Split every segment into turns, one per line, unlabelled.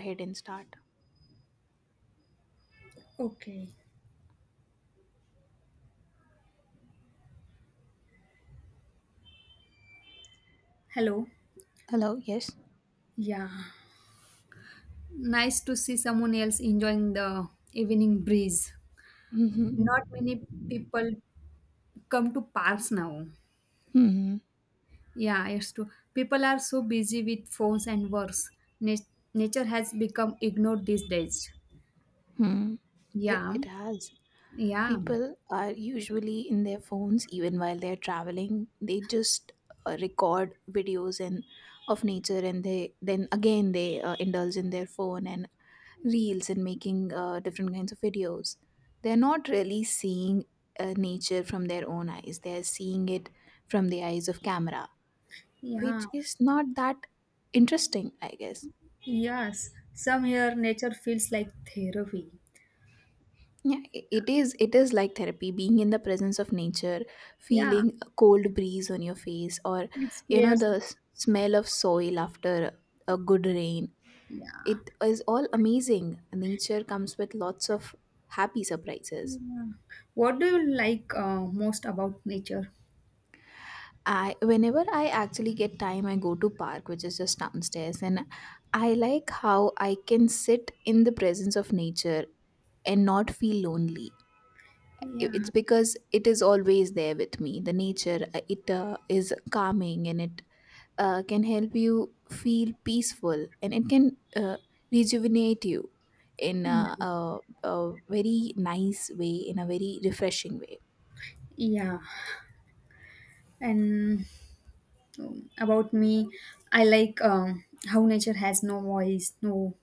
Ahead and start.
Okay. Hello.
Hello, yes.
Yeah. Nice to see someone else enjoying the evening breeze.
Mm-hmm.
Not many people come to parks now.
Mm-hmm.
Yeah, it's true. People are so busy with phones and works. Nat- Nature has become ignored these days.
Hmm. It,
Yeah.
it has.
Yeah.
People are usually in their phones even while they're traveling. They just record videos and of nature and they then again they indulge in their phone and reels and making different kinds of videos. They're not really seeing nature from their own eyes, they're seeing it from the eyes of camera,
Yeah.
which is not that interesting, I guess.
Yes. Some here nature feels like therapy.
Yeah, it is. It is like therapy, being in the presence of nature,
Yeah.
feeling a cold breeze on your face, or
It's clear.
the smell of soil after a good rain.
Yeah.
It is all amazing. Nature comes with lots of happy surprises.
yeah. What do you like most about nature?
I Whenever I actually get time, I go to park, which is just downstairs, and I like how I can sit in the presence of nature and not feel lonely. It's
Yeah.
because it is always there with me. The nature it is calming and it can help you feel peaceful and it can rejuvenate you in
Yeah,
a very nice way, in a very refreshing way.
yeah. and About me, I like how nature has no voice, no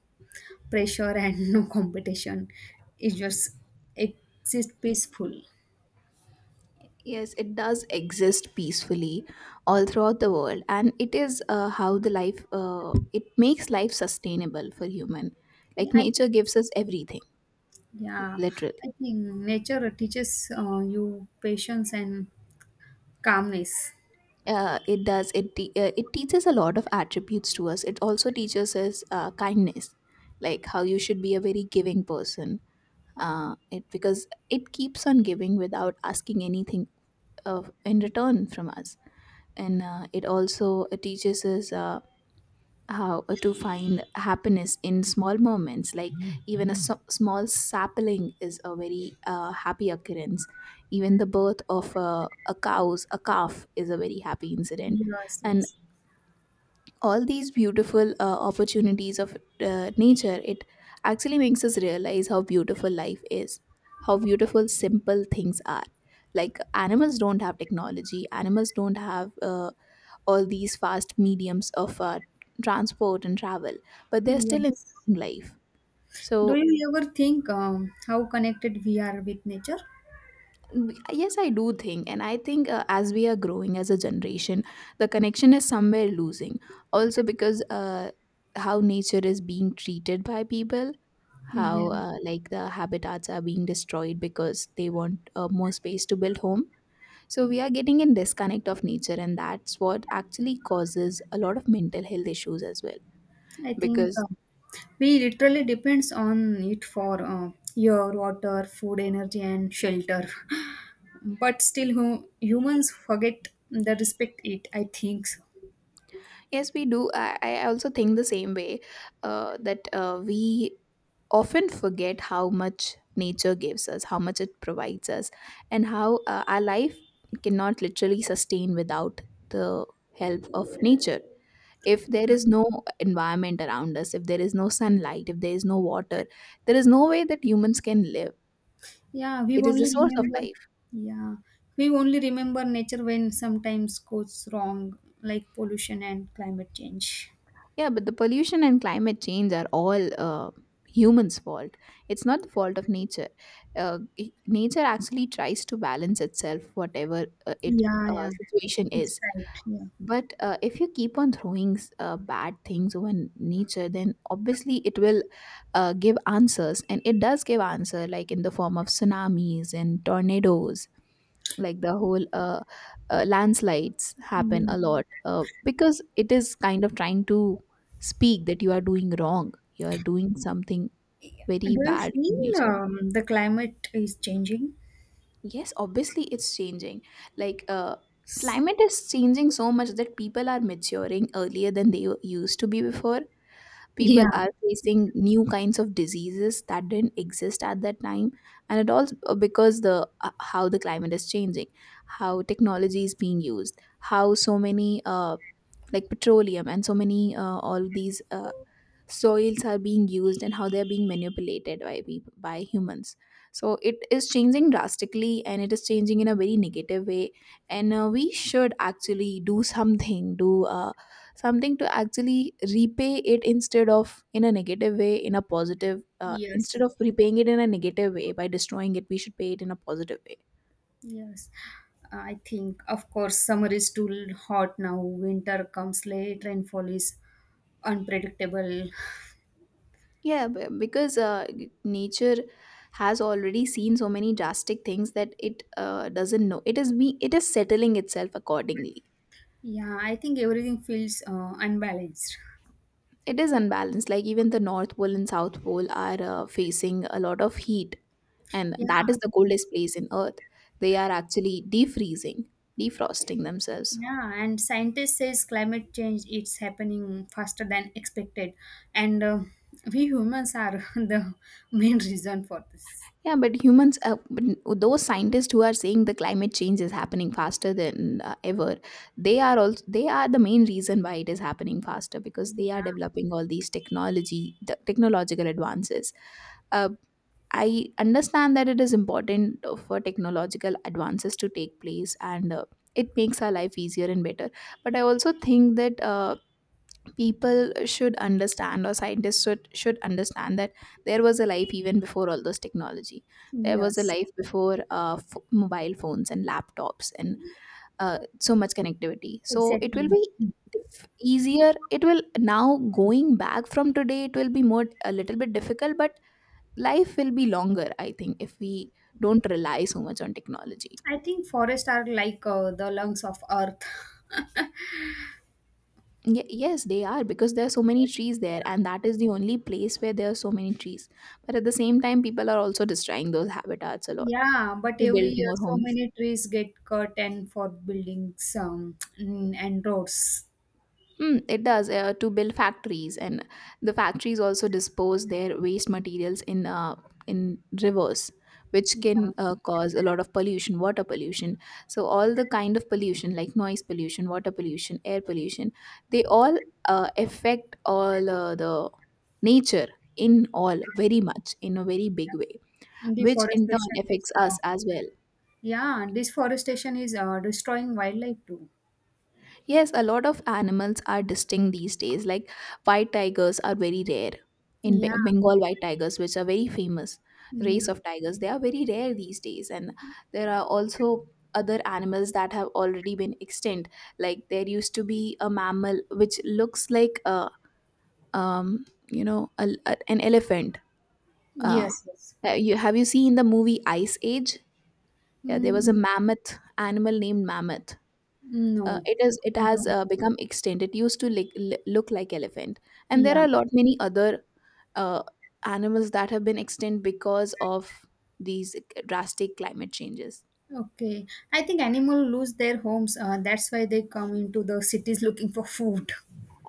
pressure, and no competition. It just exists peaceful.
Yes, it does exist peacefully all throughout the world, and it is how the life it makes life sustainable for human.
Yeah,
Like nature gives us everything,
yeah, I
literally.
think nature teaches you patience and calmness.
It does. It teaches a lot of attributes to us. It also teaches us kindness, like how you should be a very giving person. It because it keeps on giving without asking anything of in return from us, and it also teaches us. How to find happiness in small moments, like even a small sapling is a very happy occurrence. Even the birth of a cow's a calf is a very happy incident,
Yes,
and
yes,
all these beautiful opportunities of nature, it actually makes us realize how beautiful life is, how beautiful simple things are. Like animals don't have technology, animals don't have all these fast mediums of transport and travel, but they're still in
yes.
life.
Do
So,
you ever think how connected we are with nature?
mm, yes, I do think, and I think as we are growing as a generation, the connection is somewhere losing. Also, because how nature is being treated by people, how
Yeah,
like the habitats are being destroyed because they want more space to build home. So we are getting in disconnect of nature, and that's what actually causes a lot of mental health issues as well.
I think.
Because
We literally depends on it for air, water, food, energy, and shelter. But still, humans forget the respect it. I think so.
yes, we do. I also think the same way that we often forget how much nature gives us, how much it provides us, and how our life cannot literally sustain without the help of nature. If there is no environment around us, if there is no sunlight, if there is no water, there is no way that humans can live.
Yeah, we
It is the
only
source of
remember.
life.
Yeah, we only remember nature when sometimes goes wrong, like pollution and climate change.
Yeah, but the pollution and climate change are all humans' fault. It's not the fault of nature. Nature actually tries to balance itself, whatever it
Yeah, yeah,
situation
it's
is.
right. Yeah.
But if you keep on throwing bad things over nature, then obviously it will give answers, and it does give answer, like in the form of tsunamis and tornadoes, like the whole landslides happen
Yeah.
a lot because it is kind of trying to speak that you are doing wrong, you are doing something
Do
very
you
bad to
feel
nature.
the climate is changing?
Yes, obviously it's changing, like climate is changing so much that people are maturing earlier than they used to be before.
Yeah.
People are facing new kinds of diseases that didn't exist at that time, and it also because the how the climate is changing, how technology is being used, how so many like petroleum and so many all these soils are being used and how they're being manipulated by people, by humans. So it is changing drastically and it is changing in a very negative way, and we should actually do something, do something to actually repay it instead of in a negative way, in a positive
Yes.
instead
Yes.
of repaying it in a negative way by destroying it, we should pay it in a positive way.
Yes, I think, of course, summer is too hot now. Winter comes late, rainfall is unpredictable.
Yeah, because nature has already seen so many drastic things that it doesn't know. It is settling itself accordingly.
Yeah, I think everything feels unbalanced.
It is unbalanced. Like even the North Pole and South Pole are facing a lot of heat, and
Yeah,
that is the coldest place in Earth. They are actually defreezing, defrosting themselves.
yeah, and scientists says climate change it's happening faster than expected, and we humans are the main reason for this.
Yeah, but humans, but those scientists who are saying the climate change is happening faster than ever, they are also, they are the main reason why it is happening faster because they are
Yeah.
developing all these technology, the technological advances. Uh, I understand that it is important for technological advances to take place, and it makes our life easier and better. But I also think that people should understand, or scientists should understand that there was a life even before all those technology, there was a
Yes.
life before mobile phones and laptops and so much connectivity. So it
Exactly.
will be easier, it will, now going back from today it will be more a little bit difficult, but life will be longer, I think, if we don't rely so much on technology.
I think forests are like the lungs of earth.
Yes, they are, because there are so many trees there, and that is the only place where there are so many trees. But at the same time, people are also destroying those habitats a lot
Yeah, but
to
every
build
year
more
so
homes.
many trees get cut and for buildings and roads.
Mm, it does, to build factories, and the factories also dispose their waste materials in rivers, which
Yeah,
can cause a lot of pollution, water pollution. So all the kind of pollution, like noise pollution, water pollution, air pollution, they all affect all the nature in all, very much in a very big way,
and
which in turn
deforestation is
affects
uh,
us as well.
yeah, deforestation is destroying wildlife too.
Yes, a lot of animals are distinct these days. Like white tigers are very rare in
Yeah,
Bengal, white tigers, which are very famous race
yeah,
of tigers. They are very rare these days, and there are also other animals that have already been extinct. Like there used to be a mammal which looks like a um you know an elephant. Uh,
yes, yes.
you have, you seen the movie Ice Age? Yeah, there was a
Mm,
mammoth, animal named mammoth.
no,
It is, it
I
has
don't.
become extinct. It used to, like, look like elephant, and there
Yeah,
are a lot many other uh, animals that have been extinct because of these drastic climate changes.
okay. I think animal lose their homes. That's why they come into the cities looking for food.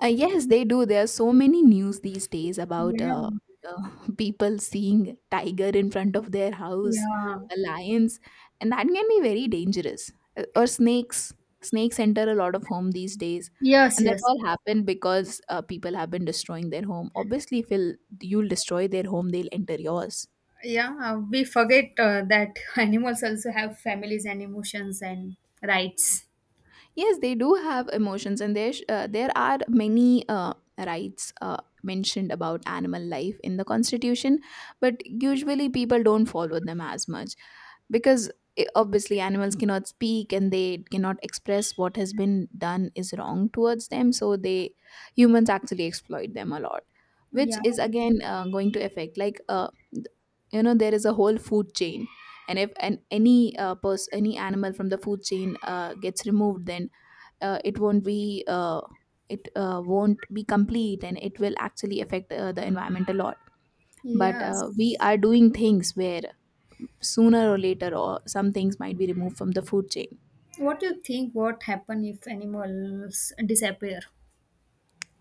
Yes, they do. There are so many news these days about
Yeah,
uh, people seeing tiger in front of their house,
yeah.
lions, and that can be very dangerous. Or snakes. Snakes enter a lot of home these days,
Yes,
and that
yes.
all happened because people have been destroying their home. Obviously, if you'll, you'll destroy their home, they'll enter yours.
Yeah, we forget that animals also have families and emotions and rights.
Yes, they do have emotions, and there are many rights mentioned about animal life in the Constitution, but usually people don't follow them as much because obviously animals cannot speak and they cannot express what has been done is wrong towards them. So they, humans actually exploit them a lot, which
Yeah,
is again going to affect, like th- you know there is a whole food chain, and if an any person any animal from the food chain gets removed, then uh, it won't be uh, it won't be complete, and it will actually affect the environment a lot. But we
yes.
are doing things where sooner or later, or some things might be removed from the food chain,
What do you think what happen if animals disappear?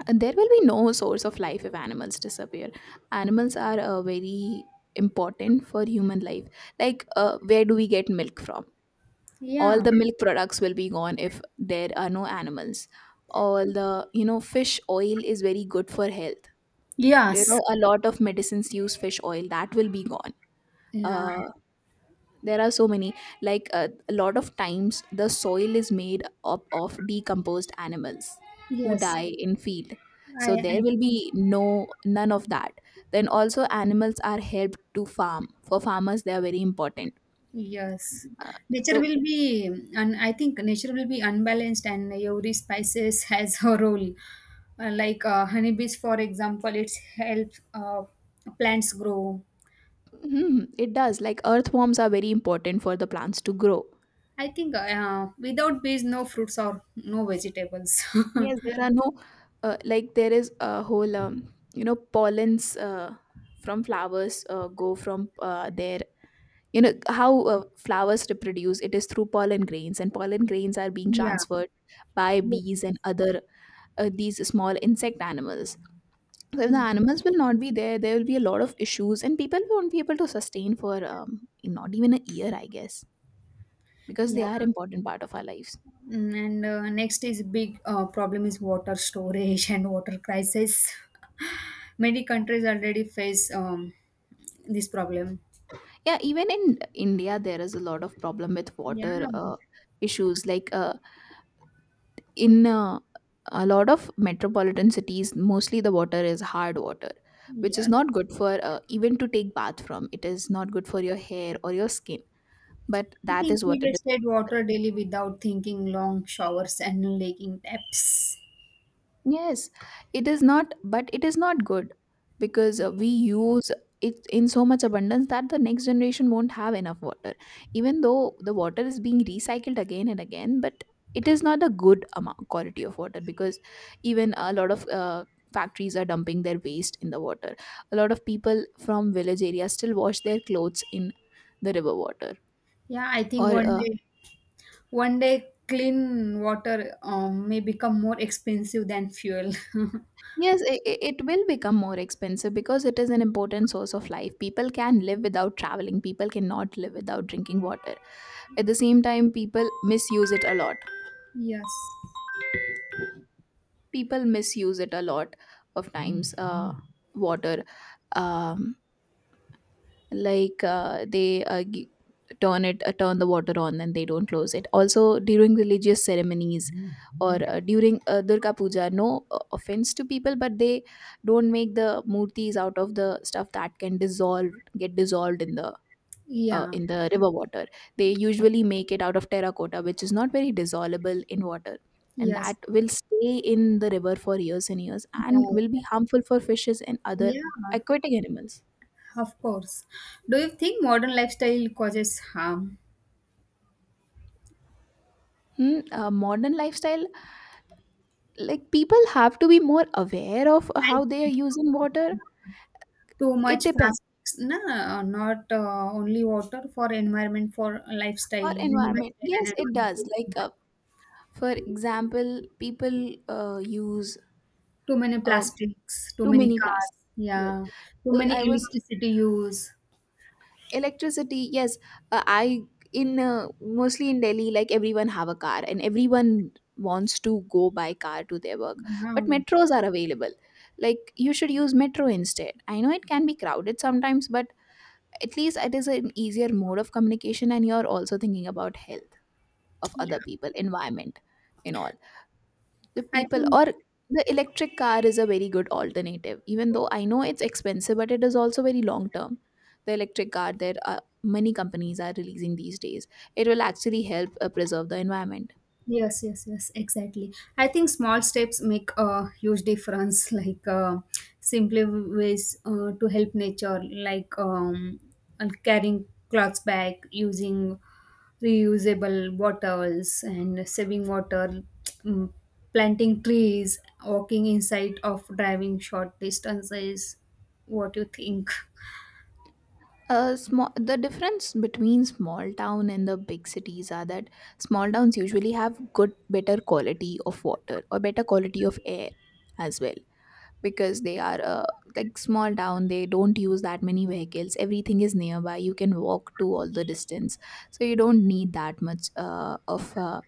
and there will be no source of life if animals disappear. Animals are very important for human life, like where do we get milk from? All
Yeah.
the milk products will be gone if there are no animals. All the, you know, fish oil is very good for health, you
Yes.
know a lot of medicines use fish oil, that will be gone.
Yeah.
Uh, there are so many, like a lot of times the soil is made up of decomposed animals who
Yes.
die in field, so
I
there will be no, none of that. Then also animals are helped to farm, for farmers they are very important.
yes.
Uh,
Nature
so
will be and I think nature will be unbalanced and every species has her role. Like honeybees for example, it's helps plants grow.
mhm, it does, like earthworms are very important for the plants to grow.
I think without bees, no fruits or no vegetables.
Yes, there are no like there is a whole you know pollens from flowers go from there. You know how flowers reproduce? It is through pollen grains, and pollen grains are being
yeah.
transferred by
Yes,
bees
yes.
and other these small insect animals. So if the
Mm.
animals will not be there, there will be a lot of issues, and people won't be able to sustain for not even a year, I guess, because they
Yeah.
are important part of our lives.
Mm, and next is big problem is water storage and water crisis. Many countries already face this problem.
Yeah, even in India there is a lot of problem with
Yeah.
water, issues, like in a lot of metropolitan cities, mostly the water is hard water, which is
Yes.
not good for, even to take bath from it is not good for your hair or your skin, but
I
that
think
is
we
what it.
wasted water daily without thinking long showers and leaking taps.
Yes, it is not, but it is not good, because we use it in so much abundance that the next generation won't have enough water. Even though the water is being recycled again and again, but it is not a good amount quality of water, because even a lot of factories are dumping their waste in the water. A lot of people from village areas still wash their clothes in the river water,
Yeah, I think
or
one day One day, clean water may become more expensive than fuel.
Yes, it will become more expensive because it is an important source of life. People can live without traveling. People cannot live without drinking water. At the same time, people misuse it a lot.
Yes.
People misuse it a lot of times. Water, um, like they turn it, turn the water on, and they don't close it. Also, during religious ceremonies, or during Durga Puja. No offense to people, but they don't make the murtis out of the stuff that can dissolve, get dissolved in the
Yeah.
river water. They usually make it out of terracotta, which is not very dissolvable in water, and
Yes.
that will stay in the river for years and years, and will
Yeah.
be harmful for fishes and other
Yeah. Yeah,
aquatic animals.
of course. Do you think modern lifestyle causes harm?
Hmm. Modern lifestyle, like people have to be more aware of how they are
Like
using water.
too
It
much
depends.
fast foods? No, not only water for environment, for lifestyle,
For
you know,
environment,
lifestyle and
yes, it
environment.
does, like, for example, people use
Too many
uh,
plastics, too
too
many
many plastics.
cars.
Yes.
Yeah. Too many
I was
electricity use.
electricity. Yes, I in mostly in Delhi, like everyone have a car and everyone wants to go by car to their work. But
Wow.
metros are available. Like, you should use metro instead. I know it can be crowded sometimes, but at least it is an easier mode of communication, and you're also thinking about health of other
Yeah.
people, environment, and all the
I
people,
think
or the electric car is a very good alternative, even though I know it's expensive, but it is also very long term. The electric car, there are many companies are releasing these days. It will actually help preserve the environment.
Yes, yes, yes, exactly. I think small steps make a huge difference, like simply ways to help nature, like and carrying clothes back, using reusable bottles, and saving water, mm, planting trees, walking inside of driving short distances. What do you think?
Small, the difference between small town and the big cities are that small towns usually have good, better quality of water or better quality of air as well, because they are like small town, they don't use that many vehicles, everything is nearby, you can walk to all the distance. So you don't need that much of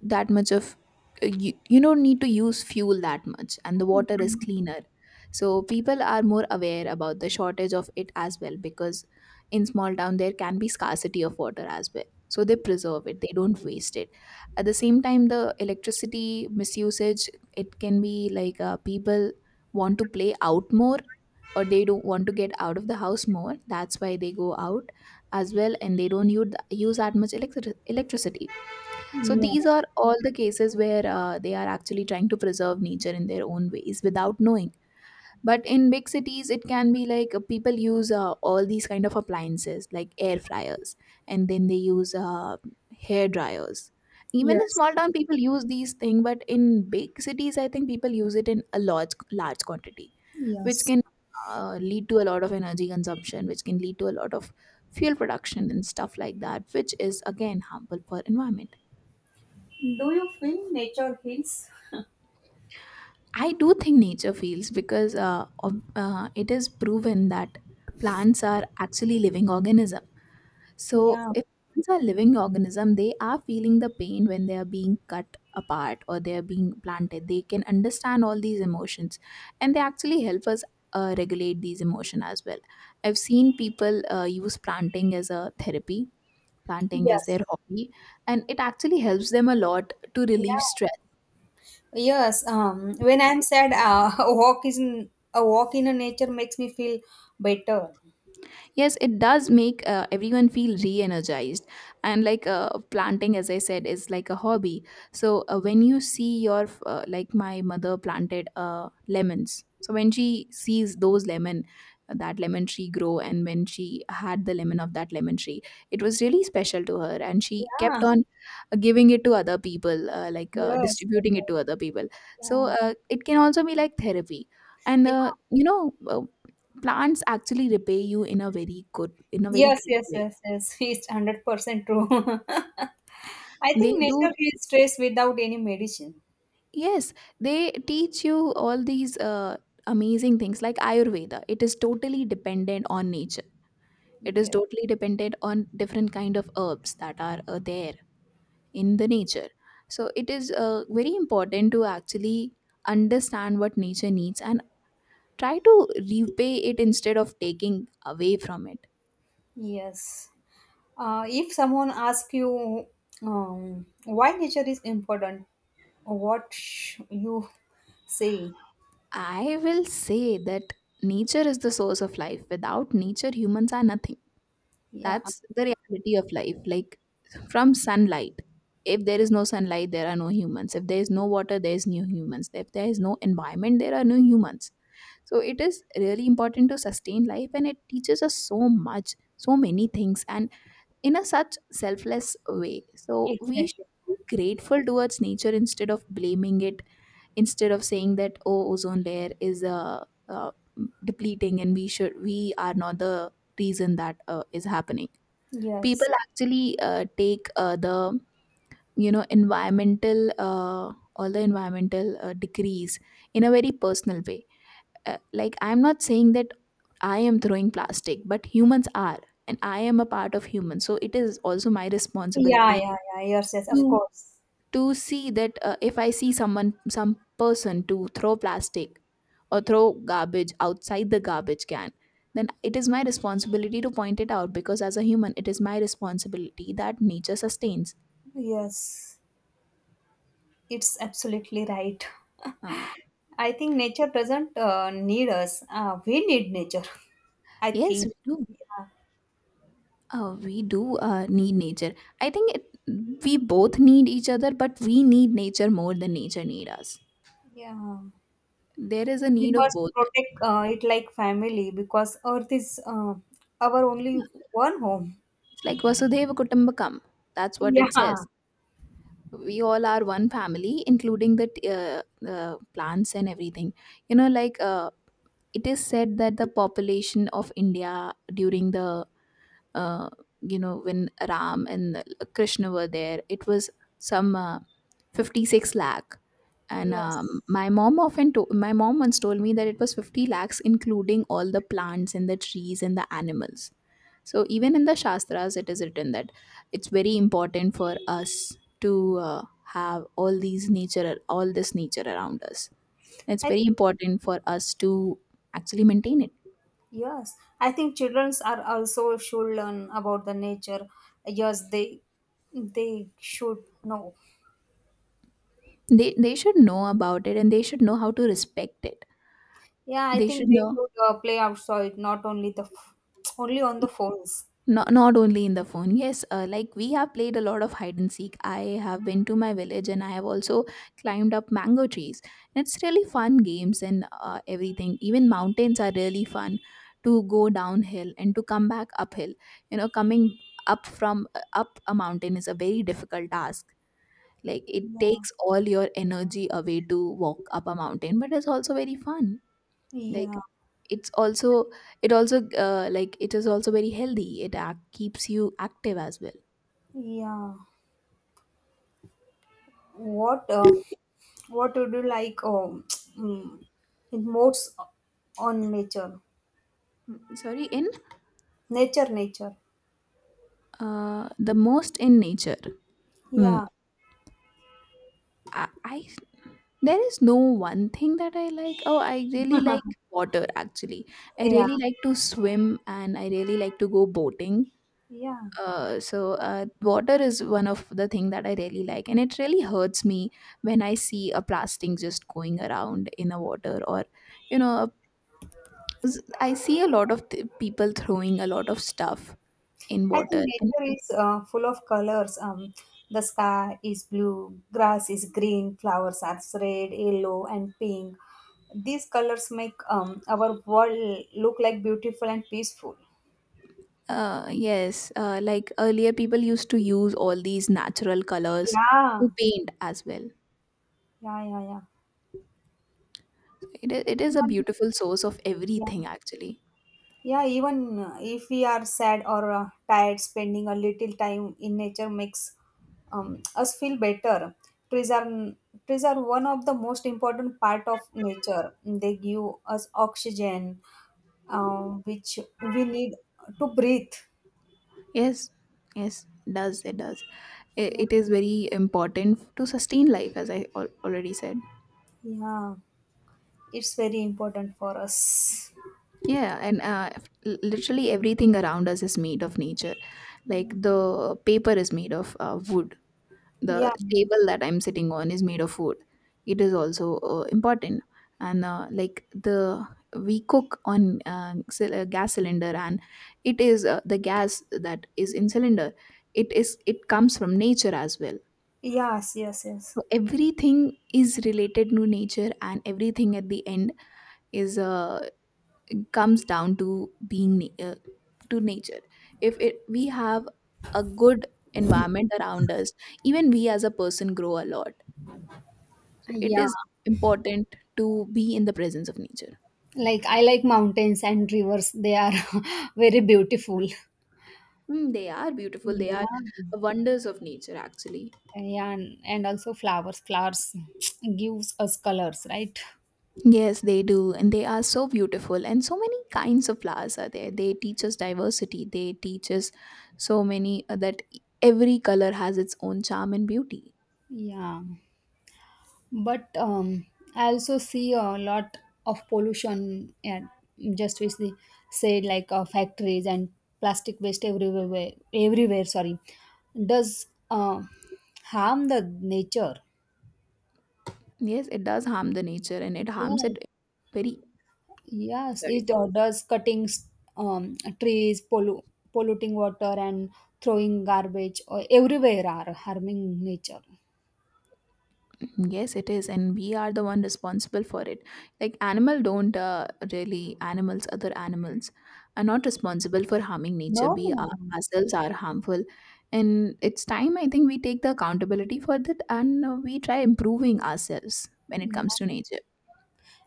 that much of you don't need to use fuel that much, and the water is cleaner. So people are more aware about the shortage of it as well, because in small town there can be scarcity of water as well. So they preserve it, they don't waste it. At the same time, the electricity misusage, it can be like people want to play out more, or they do not want to get out of the house more, that's why they go out as well, and they don't use that much electricity. So
Yeah.
these are all the cases where they are actually trying to preserve nature in their own ways without knowing. But in big cities, it can be like people use all these kind of appliances like air fryers, and then they use hair dryers. Even in
Yes.
small town, people use these things, but in big cities, I think people use it in a large, large quantity, which
Yes.
can lead to a lot of energy consumption, which can lead to a lot of fuel production and stuff like that, which is again harmful for environment. I do think nature feels, because it is proven that plants are actually living organism. So if plants are living organism, they are feeling the pain when they are being cut apart or they are being planted. They can understand all these emotions, and they actually help us regulate these emotion as well. I've seen people use planting as a therapy, planting as
Yes.
their hobby, and it actually helps them a lot to relieve
Yeah.
stress.
Yes, when I'm sad, a walk in a nature makes me feel better.
Yes, it does make everyone feel re-energized, and like, planting, as I said, is like a hobby. So when you see your like my mother planted lemons, so when she sees those lemon, that lemon tree grow, and when she had the lemon of that lemon tree, it was really special to her, and she kept
Yeah.
on giving it to other people,
Yes. yes,
distributing it
yes,
to other people. So
Yeah.
it can also be like therapy, and
Yeah.
plants actually repay you in a very good, in a very
Yes.
great
Yes.
way.
Yes. Yes. It's 100% true. I
They
think
do.
nature heals stress without any medicine.
Yes, they teach you all these amazing things, like Ayurveda, it is totally dependent on nature, it is
Yeah.
totally dependent on different kind of herbs that are there in the nature. So it is very important to actually understand what nature needs and try to repay it, instead of taking away from it.
Yes. If someone asks you why nature is important, you say?
I will say that nature is the source of life. Without nature, humans are nothing.
Yeah.
That's the reality of life. Like, from sunlight, if there is no sunlight, there are no humans. If there is no water, there is no humans. If there is no environment, there are no humans. So it is really important to sustain life, and it teaches us so much, so many things, and in a such selfless way. So we should
Exactly.
be grateful towards nature instead of blaming it, instead of saying that, oh, ozone layer is depleting, and we are not the reason that is happening. People
Yes.
actually take the environmental, all the environmental decrease in a very personal way. Like, I'm not saying that I am throwing plastic, but humans are, and I am a part of humans, so it is also my
Yeah,
responsibility
yeah, yeah. Yes, yes, of
to
course.
to see that if I see someone, some person to throw plastic or throw garbage outside the garbage can, then it is my responsibility to point it out, because as a human, it is my responsibility that nature sustains.
Yes, it's absolutely right.
Uh,
I think nature doesn't need us. We need nature. I
yes,
think.
we do.
Yeah,
We do need nature. I think it, we both need each other, but we need nature more than nature need us.
yeah.
There is a
We
need of
must
both.
protect it like family because Earth is our only one home.
It's like Vasudeva Kutumbakam. That's what it says.
Yeah.
We all are one family, including the plants and everything. Like it is said that the population of India during the uh, when Ram and Krishna were there, it was some 56 lakh. And
Yes.
my mom once told me that it was 50 lakhs, including all the plants and the trees and the animals. So even in the shastras it is written that it's very important for us to have all this nature around us. It's
I think,
very important for us to actually maintain it.
yes. I think children are also should learn about the nature. Yes, they should know.
They should know about it, and they should know how to respect it.
Yeah, I
They should
think they
know.
should play outside, not only the only on the phones.
Not only in the phone. Yes, like, we have played a lot of hide and seek. I have been to my village, and I have also climbed up mango trees. It's really fun games and everything. Even mountains are really fun to go downhill and to come back uphill. You know, coming up from up a mountain is a very difficult task. Like, it
Yeah,
takes all your energy away to walk up a mountain, but it's also very fun. Like,
yeah,
it's also it also like it is also very healthy, keeps you active as well.
yeah. What uh, what would you like? Mm, it modes on nature,
Sorry. In
nature.
The most in nature. Mm.
Yeah,
I there is no one thing that I like. Oh, I really like water, actually. I
yeah,
really like to swim, and I really like to go boating.
yeah.
So water is one of the thing that I really like, and it really hurts me when I see a plastic just going around in a water, or you know, 'cause I see a lot of people throwing a lot of stuff in
I
water.
think
And
nature is full of colors. The sky is blue, grass is green, flowers are red, yellow, and pink. These colors make our world look like beautiful and peaceful.
Yes, like earlier, people used to use all these natural colors
Yeah,
to paint as well.
yeah, yeah, yeah.
It is a
Even
beautiful source of
yeah,
everything, actually.
yeah. Even if we are sad or tired, spending a little time in nature makes us feel better. Trees are Trees are one of the most important part of nature. They give us oxygen, which we need to breathe.
Yes, yes, it does. It does. I-
Yeah,
it is very important to sustain life, as I already said.
yeah. It's very important for us.
Yeah, and literally everything around us is made of nature. Like
Yeah.
the paper is made of wood. The
Yeah.
table that I'm sitting on is made of wood. It is also important. And like the, we cook on gas cylinder, and it is the gas that is in cylinder. It comes from nature as well.
Yes. Yes. Yes.
So everything is related to nature, and everything at the end is comes down to being to nature. If it we have a good environment around us, even we as a person grow a lot. It
Yeah.
is important to be in the presence of nature.
Like I like mountains and rivers. They are very beautiful.
Mm, they are beautiful. They are
Yeah.
wonders of nature, actually.
Yeah, and also flowers. Flowers gives us colors, right?
Yes, they do. And they are so beautiful. And so many kinds of flowers are there. They teach us diversity. They teach us so many that every color has its own charm and beauty.
Yeah. But I also see a lot of pollution and just with the said like factories and plastic waste everywhere sorry, does harm the nature.
Yes, it does harm the nature, and it harms
Yeah.
it very,
Yes,
sorry.
it does cutting trees, polluting water, and throwing garbage or everywhere are harming nature.
Yes, it is, and we are the one responsible for it. Like animal don't really animals, other animals are not responsible for harming nature.
No,
We
no,
are,
no.
ourselves are harmful, and it's time, I think, we take the accountability for that, and we try improving ourselves when it comes
Yeah.
to nature.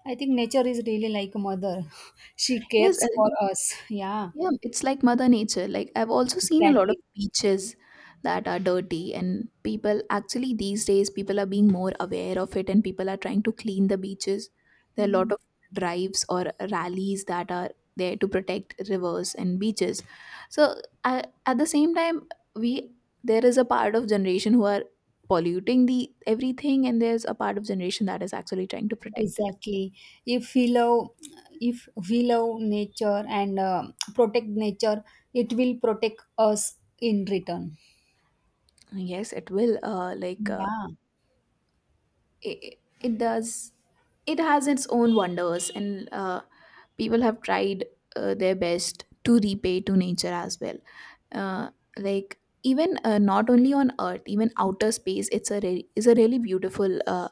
I think nature is really like a mother. She
Yes,
cares for us. Yeah,
yeah, it's like Mother Nature. Like I've also seen a lot of
exactly.
beaches that are dirty, and people actually, these days, people are being more aware of it and people are trying to clean the beaches. There are a lot
Mm,
of drives or rallies that are there to protect rivers and beaches. So I, at the same time, we, there is a part of generation who are polluting the everything, and there's a part of generation that is actually trying to protect it.
exactly. If we love, if we love nature and protect nature, it will protect us in return.
Yes, it will.
Yeah.
It, it does, it has its own wonders. And people have tried their best to repay to nature as well. Uh, like even Not only on earth, even outer space, is a really beautiful uh,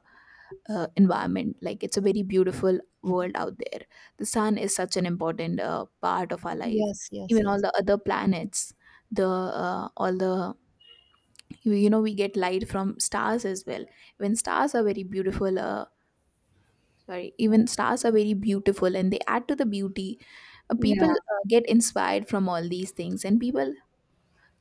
uh, environment. Like it's a very beautiful world out there. The sun is such an important part of our life.
Yes. Yes.
Even all
Yes.
the other planets, the all the, you know we get light from stars as well. When stars are very beautiful sorry, even stars are very beautiful, and they add to the beauty. People
Yeah.
get inspired from all these things, and people,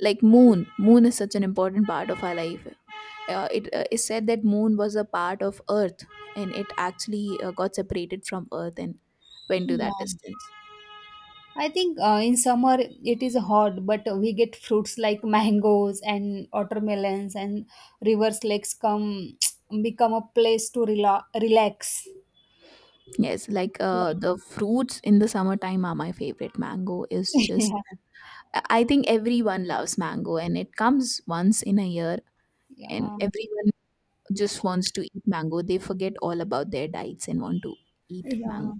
like moon, moon is such an important part of our life. It is said that moon was a part of earth, and it actually got separated from earth and went to that
Yeah.
distance.
I think in summer it is hot, but we get fruits like mangoes and watermelons, and rivers, lakes come become a place to relax.
Yes, like
Yeah.
the fruits in the summertime are my favorite. Mango is just, I think everyone loves mango and it comes once in a year, and
yeah,
everyone just wants to eat mango. They forget all about their diets and want to eat
yeah.
mango.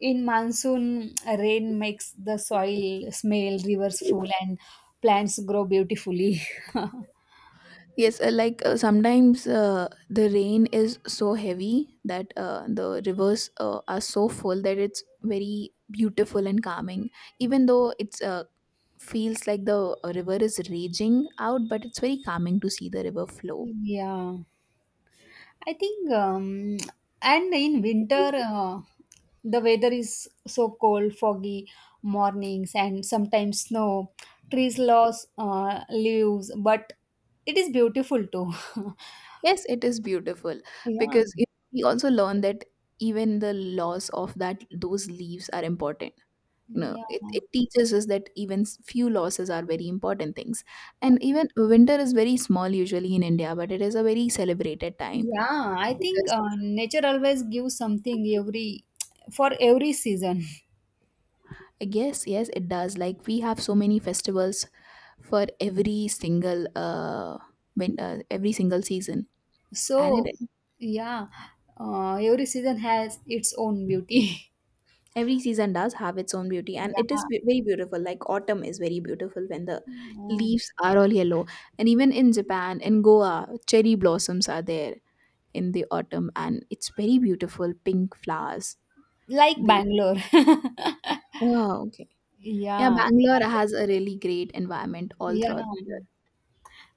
In monsoon, rain makes the soil smell, rivers full, and plants grow beautifully.
Yes, sometimes the rain is so heavy that the rivers are so full that it's very beautiful and calming. Even though it's feels like the river is raging out, but it's very calming to see the river flow.
yeah. I think, and in winter, the weather is so cold, foggy mornings, and sometimes snow. Trees lost leaves, but it is beautiful too.
Yes, it is beautiful
yeah,
because it, we also learn that even the loss of that those leaves are important. You know,
yeah,
it teaches us that even few losses are very important things. And even winter is very small usually in India, but it is a very celebrated time
yeah. I think
because,
nature always gives something every for every season.
yes, yes, it does. Like we have so many festivals for every single every single season. And
So,
it,
yeah, every season has its own beauty.
every season does have its own beauty, and it is
yeah,
very beautiful. Like autumn is very beautiful when the
Oh.
leaves are all yellow. And even in Japan, in Goa, cherry blossoms are there in the autumn, and it's very beautiful pink flowers.
like
The,
Bangalore.
oh, okay. Yeah,
Yeah.
Bangalore has a really great environment all
Yeah.
throughout the year.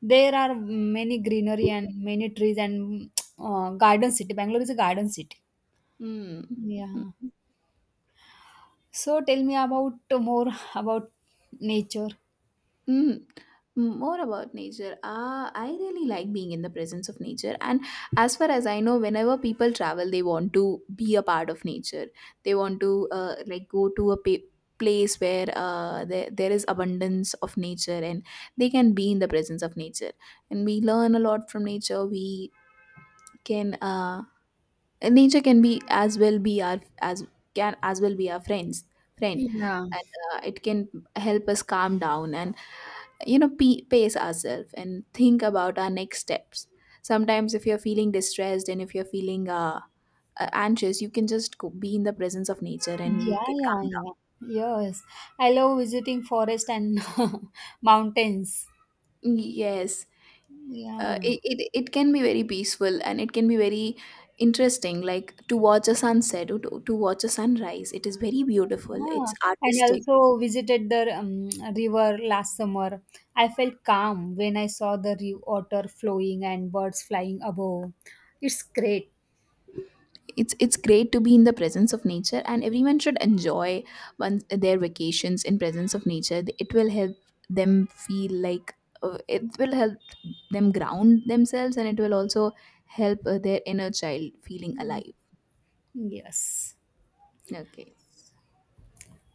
There are many greenery and many trees and garden city. Bangalore is a garden city.
Hmm.
Yeah.
Mm.
So tell me about more about nature.
Mm. More about nature. Ah, I really like being in the presence of nature. And as far as I know, whenever people travel, they want to be a part of nature. They want to like go to place where there is abundance of nature and they can be in the presence of nature. And we learn a lot from nature. We can nature can be as well be our, as can as well be our friend.
Yeah.
And it can help us calm down and, you know, pe pace ourselves and think about our next steps. Sometimes if you're feeling distressed and if you're feeling anxious, you can just go, be in the presence of nature, and you
Yeah,
can
yeah,
calm
yeah. Yes. I love visiting forest and mountains.
down. Yes,
Yeah.
it, it it can be very peaceful, and it can be very interesting, like to watch a sunset or to watch a sunrise. It is very beautiful, it's
Yeah, and
artistic.
also visited the river last summer. I felt calm when I saw the river water flowing and birds flying above. It's great.
It's great to be in the presence of nature, and everyone should enjoy one their vacations in presence of nature. It will help them feel like, it will help them ground themselves, and it will also help their inner child feeling alive.
Yes.
Okay,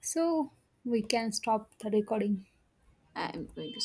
So we can stop the recording.
I'm going to